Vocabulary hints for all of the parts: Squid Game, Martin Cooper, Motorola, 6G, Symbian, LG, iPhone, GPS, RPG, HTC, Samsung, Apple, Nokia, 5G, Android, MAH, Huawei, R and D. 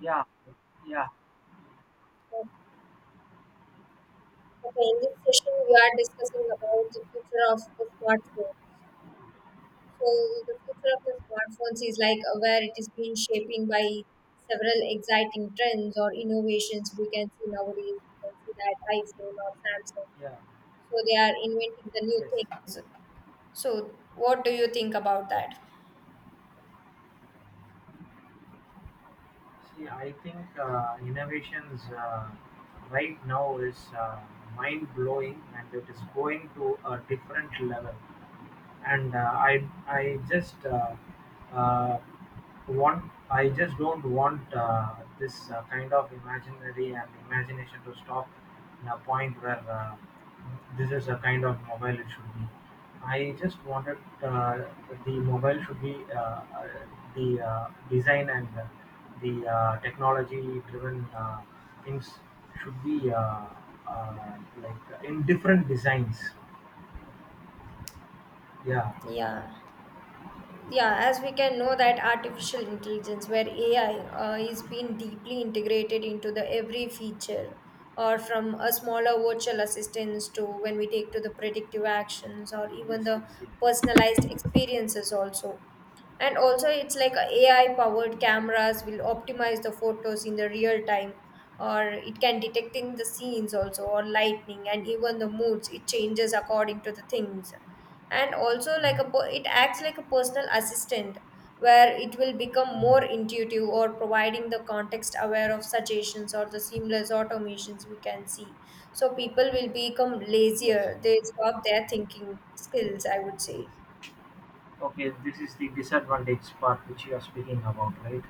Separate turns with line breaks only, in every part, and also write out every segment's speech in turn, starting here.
Yeah, yeah,
Okay, in this session, we are discussing about the future of the smartphone. So, the future of the smartphones is like where it is being shaping by several exciting trends or innovations we can see nowadays. We can see that iPhone or Samsung.
yeah.
So, they are inventing the new
Yes.
things. So, what do you think about that?
See, I think innovations right now is mind blowing, and it is going to a different level. And I just uh, want I just don't want this kind of imaginary and imagination to stop in a point where this is a kind of mobile it should be. I just wanted the mobile should be the design and the technology driven things should be like in different designs. Yeah.
Yeah. Yeah as we can know that artificial intelligence where ai is being deeply integrated into the every feature or from a smaller virtual assistance to when we take to the predictive actions or even
Yes.
the
Yes. Yes.
personalized experiences also, and also it's like a ai powered cameras will optimize the photos in the real time, or it can detecting the scenes also or lightning and even the moods it changes according to the things. And also
Mhm,
like
mhm.
a it acts like a personal assistant where it will become more intuitive or providing the context aware of suggestions or the seamless automations we can see. So people will become
Yeah. Yes.
lazier, they stop their thinking skills, I would say.
Yes. Okay, this is the disadvantage part which you are speaking about, right?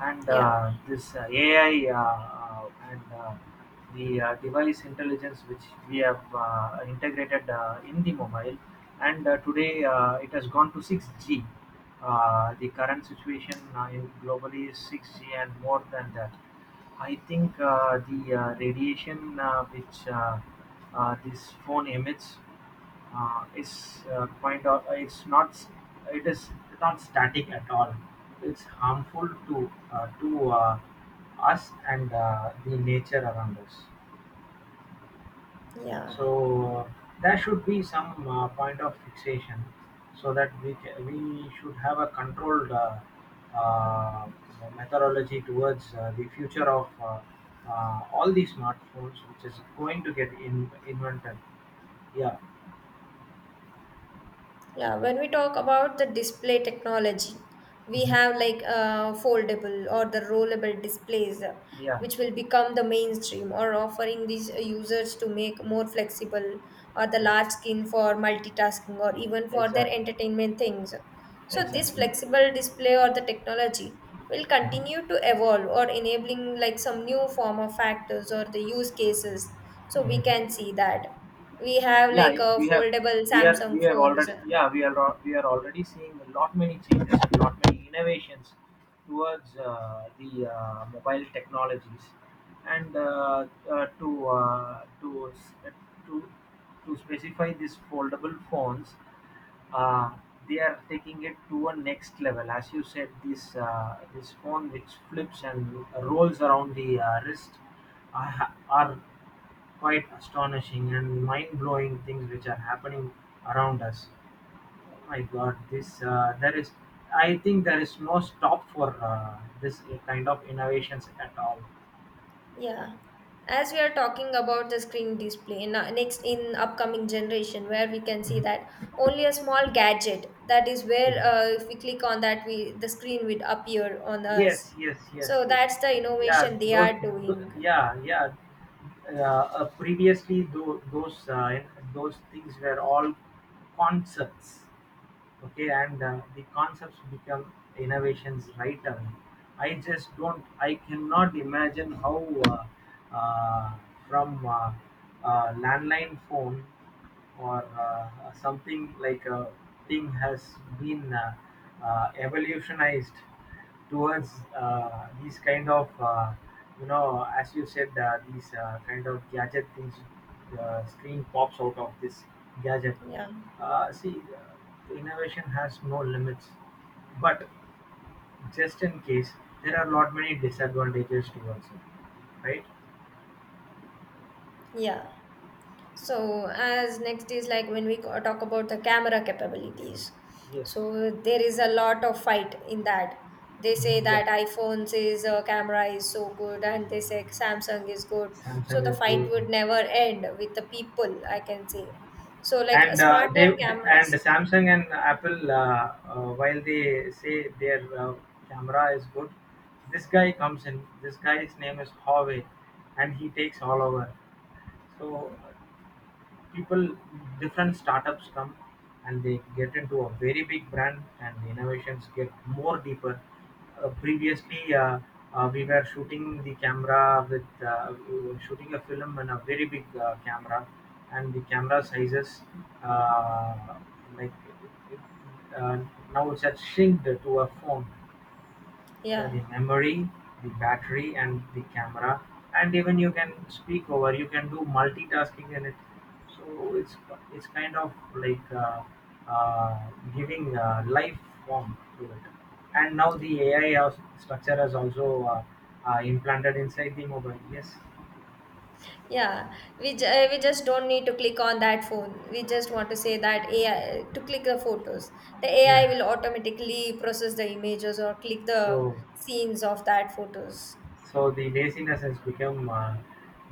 And
yeah
this AI and the device intelligence which we have integrated in the mobile, and today it has gone to 6G. The current situation in globally is 6G and more than that. I think the radiation which this phone emits is kind of it is not static at all. It's harmful to us and the nature around us.
yeah
So there should be some point of fixation so that we should have a controlled uh, methodology towards the future of. All the smartphones which is going to get in, invented. Yeah.
Yeah, when we talk about the display technology, we have
Mhm.
like foldable or the rollable displays,
Yeah.
which will become the mainstream or offering these users to make more flexible or the
Yes.
large screen for multitasking or even for their
Exactly.
entertainment things. So this
Exactly.
flexible display or the technology will continue
Mhm.
to evolve or enabling like some new form of factors or the use cases. So we
Mhm.
can see that we have
Yeah,
like a
we have,
foldable
we
Samsung
have
phones.
already. Yeah, we are already seeing a lot many changes, a lot many innovations towards the mobile technologies, and to s- to to specify these foldable phones, uh, they are taking it to a next level. As you said, this phone which flips and rolls around the wrist are quite astonishing and mind-blowing things which are happening around us. My God, this there is. I think there is no stop for this kind of innovations at all.
Yeah, as we are talking about the screen display in our next in upcoming generation, where we can see that only a small gadget that is where
Yeah.
if we click on that, we the screen would appear on us.
Yes, yes, yes,
So
yes.
that's the
Yeah,
innovation they
those.
are doing.
Yeah, yeah. Previously, those things were all concepts. Okay, and the concepts become innovations right away. I just don't I cannot imagine how uh, uh, from landline phone or something like a thing has been evolutionized towards these kind of you know as you said these kind of gadget things, the screen pops out of this gadget.
Yeah,
See the innovation has no limits, but just in case there are lot many disadvantages towards it, right?
yeah. So, as next is like when we talk about the camera capabilities.
Yes.
So, there is a lot of fight in that. They say
Mhm,
that
yeah.
iPhones is camera is so good, and they say Samsung is good. So,
Samsung
the
is
fight
good.
would never end with the people, I can say. So, like a
And uh, they
smarter
and
cameras.
Samsung and Apple, while they say their camera is good, this guy comes in. This guy's name is Huawei, and he takes all over. So people, different startups come and they get into a very big brand, and the innovations get more deeper. Previously, we were shooting the camera with we were shooting a film in a very big camera, and the camera sizes uh, like uh, now it's had shrunk to a phone. Yeah,
Yeah.
the memory, the battery, and the camera, and even you can speak over. You can do multitasking in it. So it's kind of like uh, giving life form to it. And now the AI structure is also implanted inside the mobile. Yes.
Yeah, we just don't need to click on that phone. We just want to say that AI to click the photos. The AI
Yeah.
will automatically process the images or click the
So
scenes of that photos.
so the laziness has become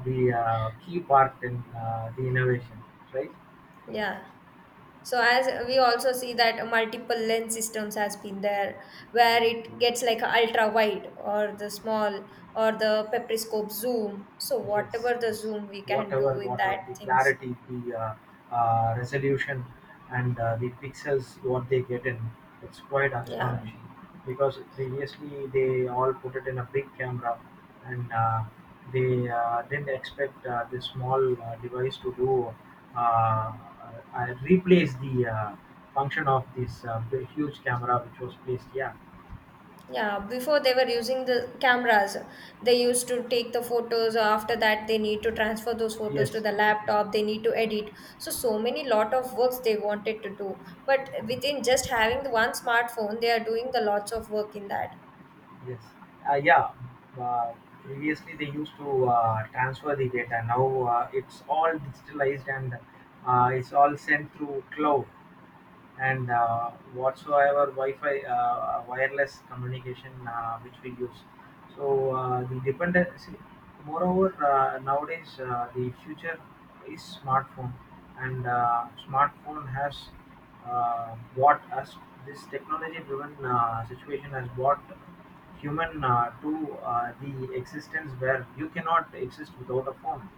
the key part in the innovation, right?
Yeah. So as we also see that multiple lens systems has been there where it gets like ultra wide or the small or the periscope zoom. So
Yes,
whatever the
yes.
zoom we can
Whatever,
do in that
whatever the
things.
clarity, the resolution, and the pixels what they get in, it's quite
Yeah.
astonishing. Because previously they all put it in a big camera, and they didn't expect this small device to do uh, uh, replace the function of this huge camera which was placed. Yeah.
Yeah, before they were using the cameras. They used to take the photos. After that, they need to transfer those photos
Yes.
to the laptop. They need to edit. So, so many lot of works they wanted to do. But within just having the one smartphone, they are doing the lots of work in that.
Yes. Yeah. Uh, Previously, they used to transfer the data. Now it's all digitalized, and it's all sent through cloud, and whatsoever Wi-Fi wireless communication which we use. So the dependency, moreover, nowadays the future is smartphone, and smartphone has brought us this technology-driven situation has brought human to the existence where you cannot exist without a phone.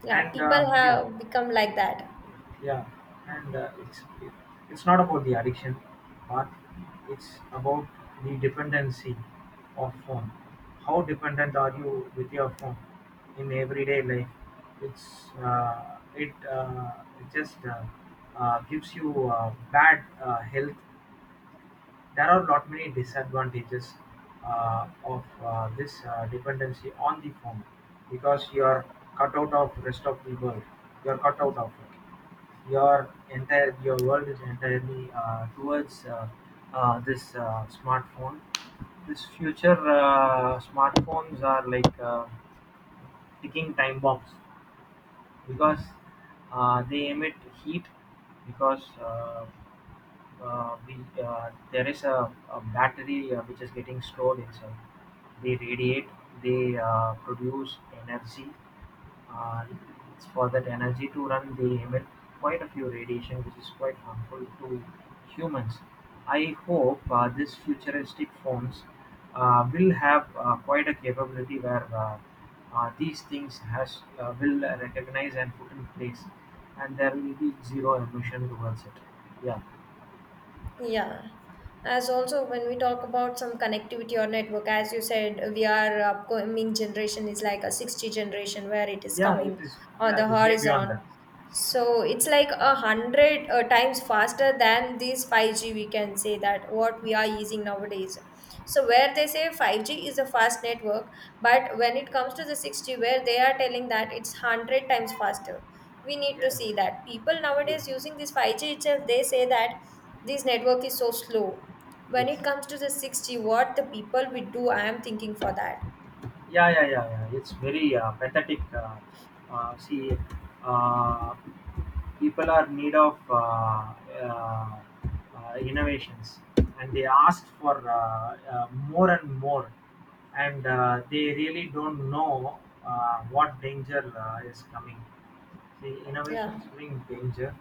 Yeah,
And
people
yeah,
have become like that.
yeah, and it's not about the addiction, but it's about the dependency of phone. How dependent are you with your phone in everyday life? It just gives you bad health. There are not many disadvantages of this dependency on the phone, because you are cut out of rest of the world. You are cut out of your world is entirely towards this smartphone. This future smartphones are like ticking time bombs, because they emit heat, because uh, we, there is a battery which is getting stored inside. They radiate, they produce energy. it it's for that energy to run they emit quite a few radiation, which is quite harmful to humans. I hope these futuristic phones will have quite a capability where these things has will recognize and put in place, and there will be zero emission towards it. Yeah.
Yeah. As also, when we talk about some connectivity or network, as you said, we are upcoming generation is like a sixty generation where it is
Yeah, it
coming
is.
on
Yeah,
the
it is way beyond
horizon.
that.
So it's like a 100 times faster than these 5G, we can say that what we are using nowadays. So where they say 5G is a fast network, but when it comes to the 6G, where they are telling that it's 100 times faster, we need to
Yes.
see that people
Yes.
nowadays using this 5G itself, they say that this network is so slow. When
Yes.
it comes to the 6G, what the people will do, I am thinking for that.
Yeah. It's very pathetic. Uh, See uh, people are need of innovations, and they ask for more and more, and they really don't know what danger is coming. See,
Yeah.
innovations bring danger.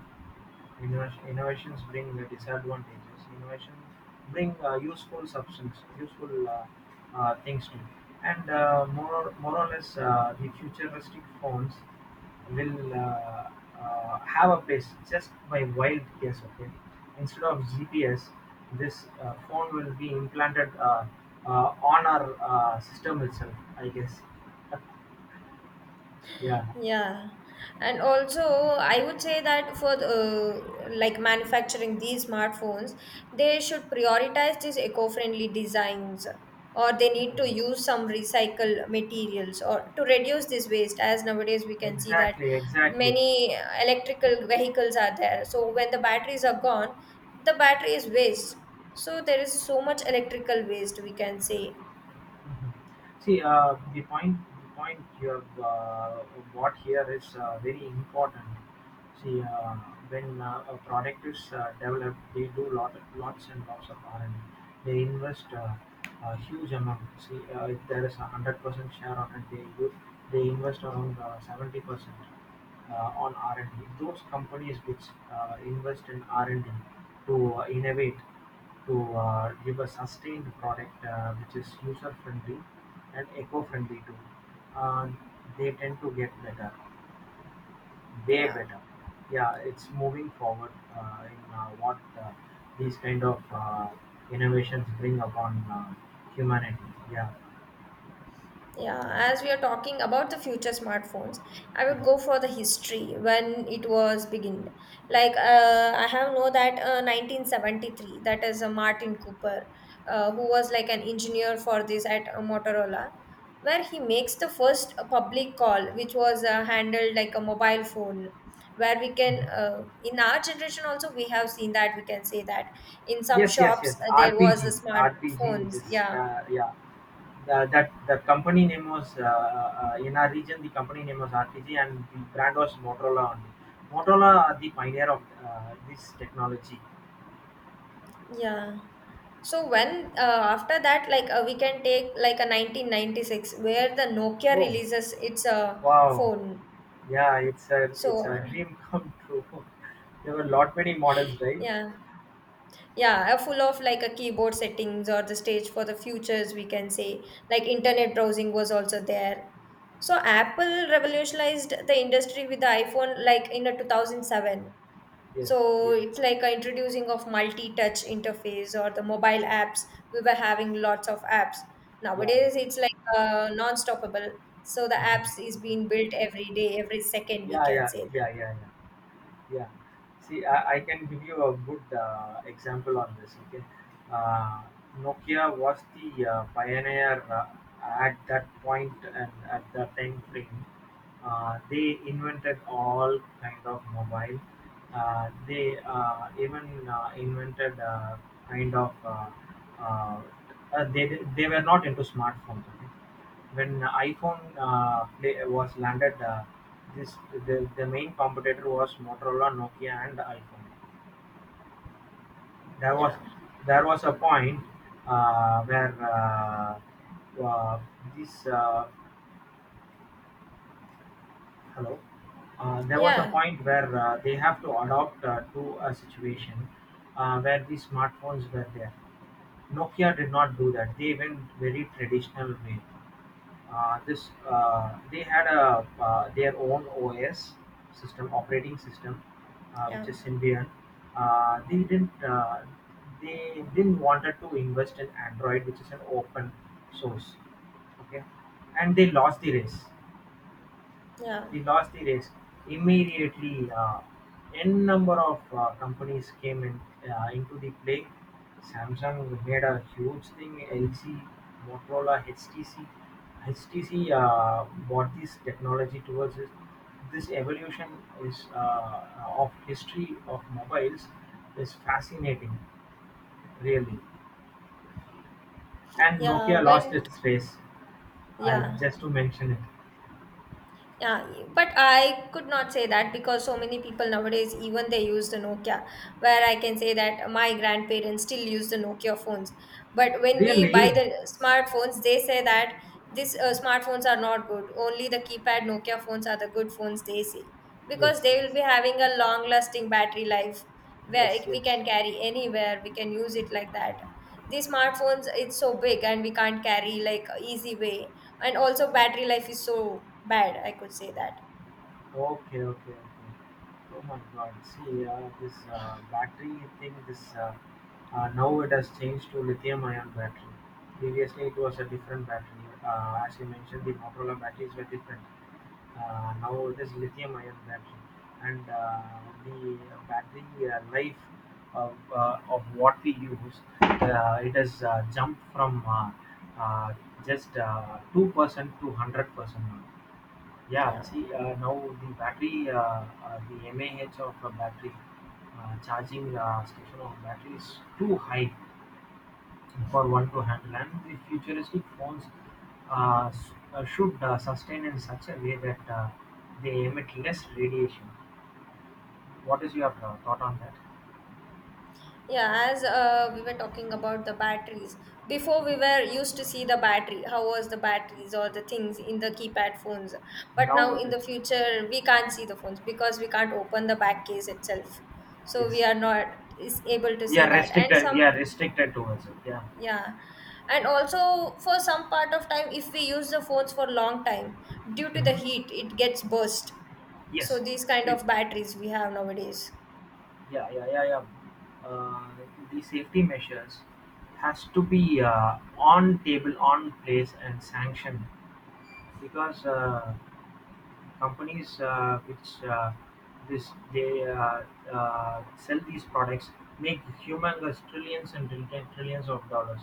Innovations bring the disadvantages. Innovation bring useful substance, useful things to, and more or less the futuristic phones will have a place. Just by wild guess, okay. Instead of GPS, this phone will be implanted on our system itself. I guess. Yeah.
Yeah, and also I would say that for the, like manufacturing these smartphones, they should prioritize these eco-friendly designs, or they
Yeah.
need to use some recycle materials or to reduce this waste. As nowadays we can see that
Exactly. Exactly.
many electrical vehicles are there, so when the batteries are gone, the battery is waste. So there is so much electrical waste we can say.
Mhm. See, the point you have brought here is very important. See, when a product is developed, they do lots and lots of R and D. They invest a huge amount. See, if there is 100% share on it, they do, they invest around 70% 70%, on R and D. Those companies which invest in R and D to innovate to give a sustained product which is user friendly and eco friendly too, uh, they tend to get better, way
Yeah.
better. Yeah, it's moving forward in what these kind of innovations bring upon humanity. Yeah.
Yeah, as we are talking about the future smartphones, I would
Yes.
go for the history when it was beginned. Like I have know that 1973, that is Martin Cooper, who was like an engineer for this at Motorola, where he makes the first public call, which was handled like a mobile phone. Where we can,
Mhm.
in our generation also, we have seen that we can say that in some
Yes, yes, yes.
shops there was a
RPG, RPG.
smartphones.
This,
Yeah.
yeah. The company name was in our region. The company name was RPG, and the brand was Motorola only. Motorola are the pioneer of this technology.
Yeah. So when after that, like we can take like a 1996 where the Nokia
Oh,
releases its
wow,
phone.
yeah, it's
So
a dream come true. There were lot many models, right?
yeah, yeah, full of like a keyboard settings or the stage for the futures. We can say like internet browsing was also there. So Apple revolutionized the industry with the iPhone like in a 2007.
Yes,
So
yes,
it's like a introducing of multi-touch interface or the mobile apps. We were having lots of apps.
yeah, yeah,
Nowadays, it's like non-stoppable. So the apps
mhm.
is being built every day, every second. We
Yeah,
can
yeah,
say that.
yeah, yeah, yeah. Yeah. See, I can give you a good example on this. Okay. Uh, Nokia was the pioneer at that point and at that time frame. They invented all kind of mobile. They even invented kind of. Uh, they were not into smartphones. Okay? When iPhone Play was landed, this the main competitor was Motorola, Nokia, and iPhone. There was
Yeah,
there was a point where uh, this hello. There was a
yeah,
point where they have to adopt to a situation where these smartphones were there. Nokia did not do that. They went very traditional way. This They had a their own OS system, operating system, which
yeah,
is Symbian. Uh, they didn't uh, they didn't wanted to invest in Android, which is an open source. Okay, and they lost the race,
yeah,
we lost the race. Immediately, n number of companies came in into the play. Samsung made a huge thing. LG, Motorola, HTC. HTC brought this technology towards it. This evolution is of history of mobiles is fascinating, really. And
yeah.
Nokia lost
When
its race.
yeah,
Just to mention it,
Yeah, but I could not say that because so many people nowadays, even they use the Nokia, where I can say that my grandparents still use the Nokia phones. But when we buy
really.
the smartphones, they say that these smartphones are not good. Only the keypad Nokia phones are the good phones, they say, because
Yes,
they will
yes,
be having a long lasting battery life where
yes,
we
yes.
can carry anywhere, we can use it like that. These smartphones it's so big and we can't carry like easy way, and also battery life is so bad, I could say that.
Okay, okay, okay. Oh my God! See, this battery thing, this now it has changed to lithium-ion battery. Previously, it was a different battery. As you mentioned, the Motorola batteries were different. Now it is lithium-ion battery, and the battery life of what we use, it has jumped from uh, just 2% to 100%. Yeah,
yeah
see, now the battery, the MAH of a battery, charging station of battery is too high for one to handle. And the futuristic phones should sustain in such a way that they emit less radiation. What is your thought on that?
yeah as uh, we were talking about the batteries, before we were used to see the battery how was the batteries or the things in the keypad phones. But now
Now it
in
is,
the future we can't see the phones because we can't open the back case itself, so we
yes,
are not is able to see that and
we
some.
are restricted towards it. Yeah.
Yeah. And also for some part of time, if we use the phones for long time, due to the
Mhm.
heat, it gets burst. So
Yes,
these kind
it.
of batteries we have nowadays.
Yeah, yeah, yeah, yeah. Uh, the safety measures has to be on table, on place, and sanctioned, because companies which this they sell these products make humongous trillions and trillions of dollars.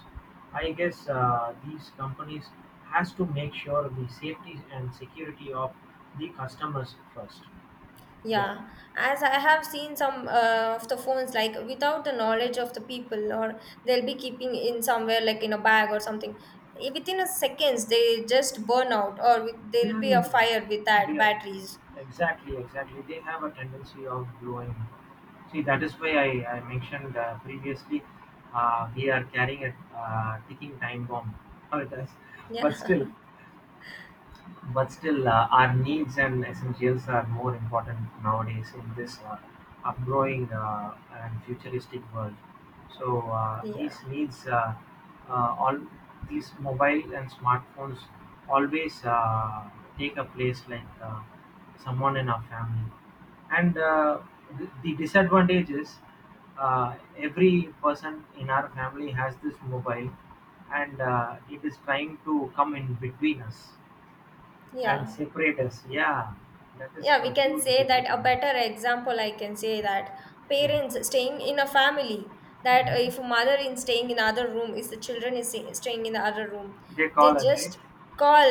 I guess these companies has to make sure the safety and security of the customers first. Yeah.
Yeah. As I have seen some of the phones, like without the knowledge of the people, or they'll be keeping in somewhere like in a bag or something. Eh, within a seconds, they just burn out, or there'll
Yeah,
be
yeah,
a fire with
yeah.
that
Yeah,
batteries.
exactly, exactly. They have a tendency of blowing. See, that is why I mentioned previously we are carrying a ticking time bomb with us. But
Yeah.
still, but still, our needs and essentials are more important nowadays in this upgrowing and futuristic world. So these
yeah.
needs, uh, all these mobile and smartphones always take a place like someone in our family. And the disadvantage is every person in our family has this mobile, and it is trying to come in between us and
Yeah.
separate us, yeah, that is
Yeah, we
a
can
huge
say that.
difference
A
on it.
better example I can say that,
Yeah,
parents staying in a family, that if
hmm.
mother is staying in other room is the children is staying in the other room,
They
they
call us, right?
just call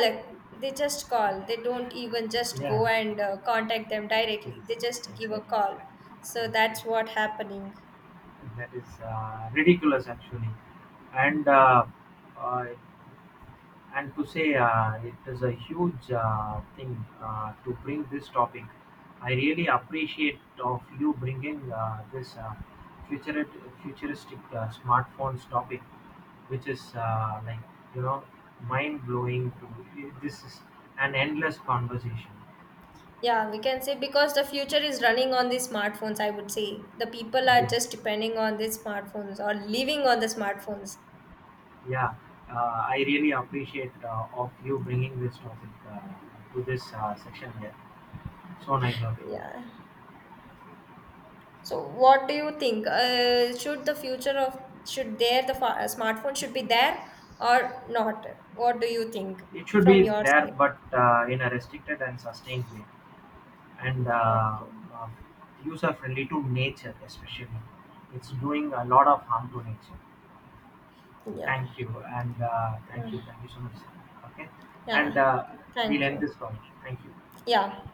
they just call, they don't even just go
Yeah,
and contact them
yes,
directly, they just give
exactly,
a
exactly.
call. So
Yes, yes.
that's what happening.
That is ridiculous, actually. And uh, uh, and to say it is a huge thing to bring this topic. I really appreciate of you bringing this futurit futuristic smartphones topic, which is like you know mind blowing. To this is an endless conversation.
Yeah, we can say because the future is running on the smartphones, I would say the people are
Yes,
just depending on the smartphones or living on the smartphones.
yeah. I really appreciate of you bringing this topic to this section here. So nice of you.
Yeah. So, what do you think? Should the future of should there the smartphone should be there or not? What do you think
It should
from
be
your
there,
side?
but in a restricted and sustained way, and
Okay.
uh, user friendly to nature, especially. It's doing a lot of harm to nature.
Yeah.
Thank you, and
Yeah.
thank you so much. Okay, and
Yeah.
we'll
Thank
end
you.
this call. Thank you.
Yeah.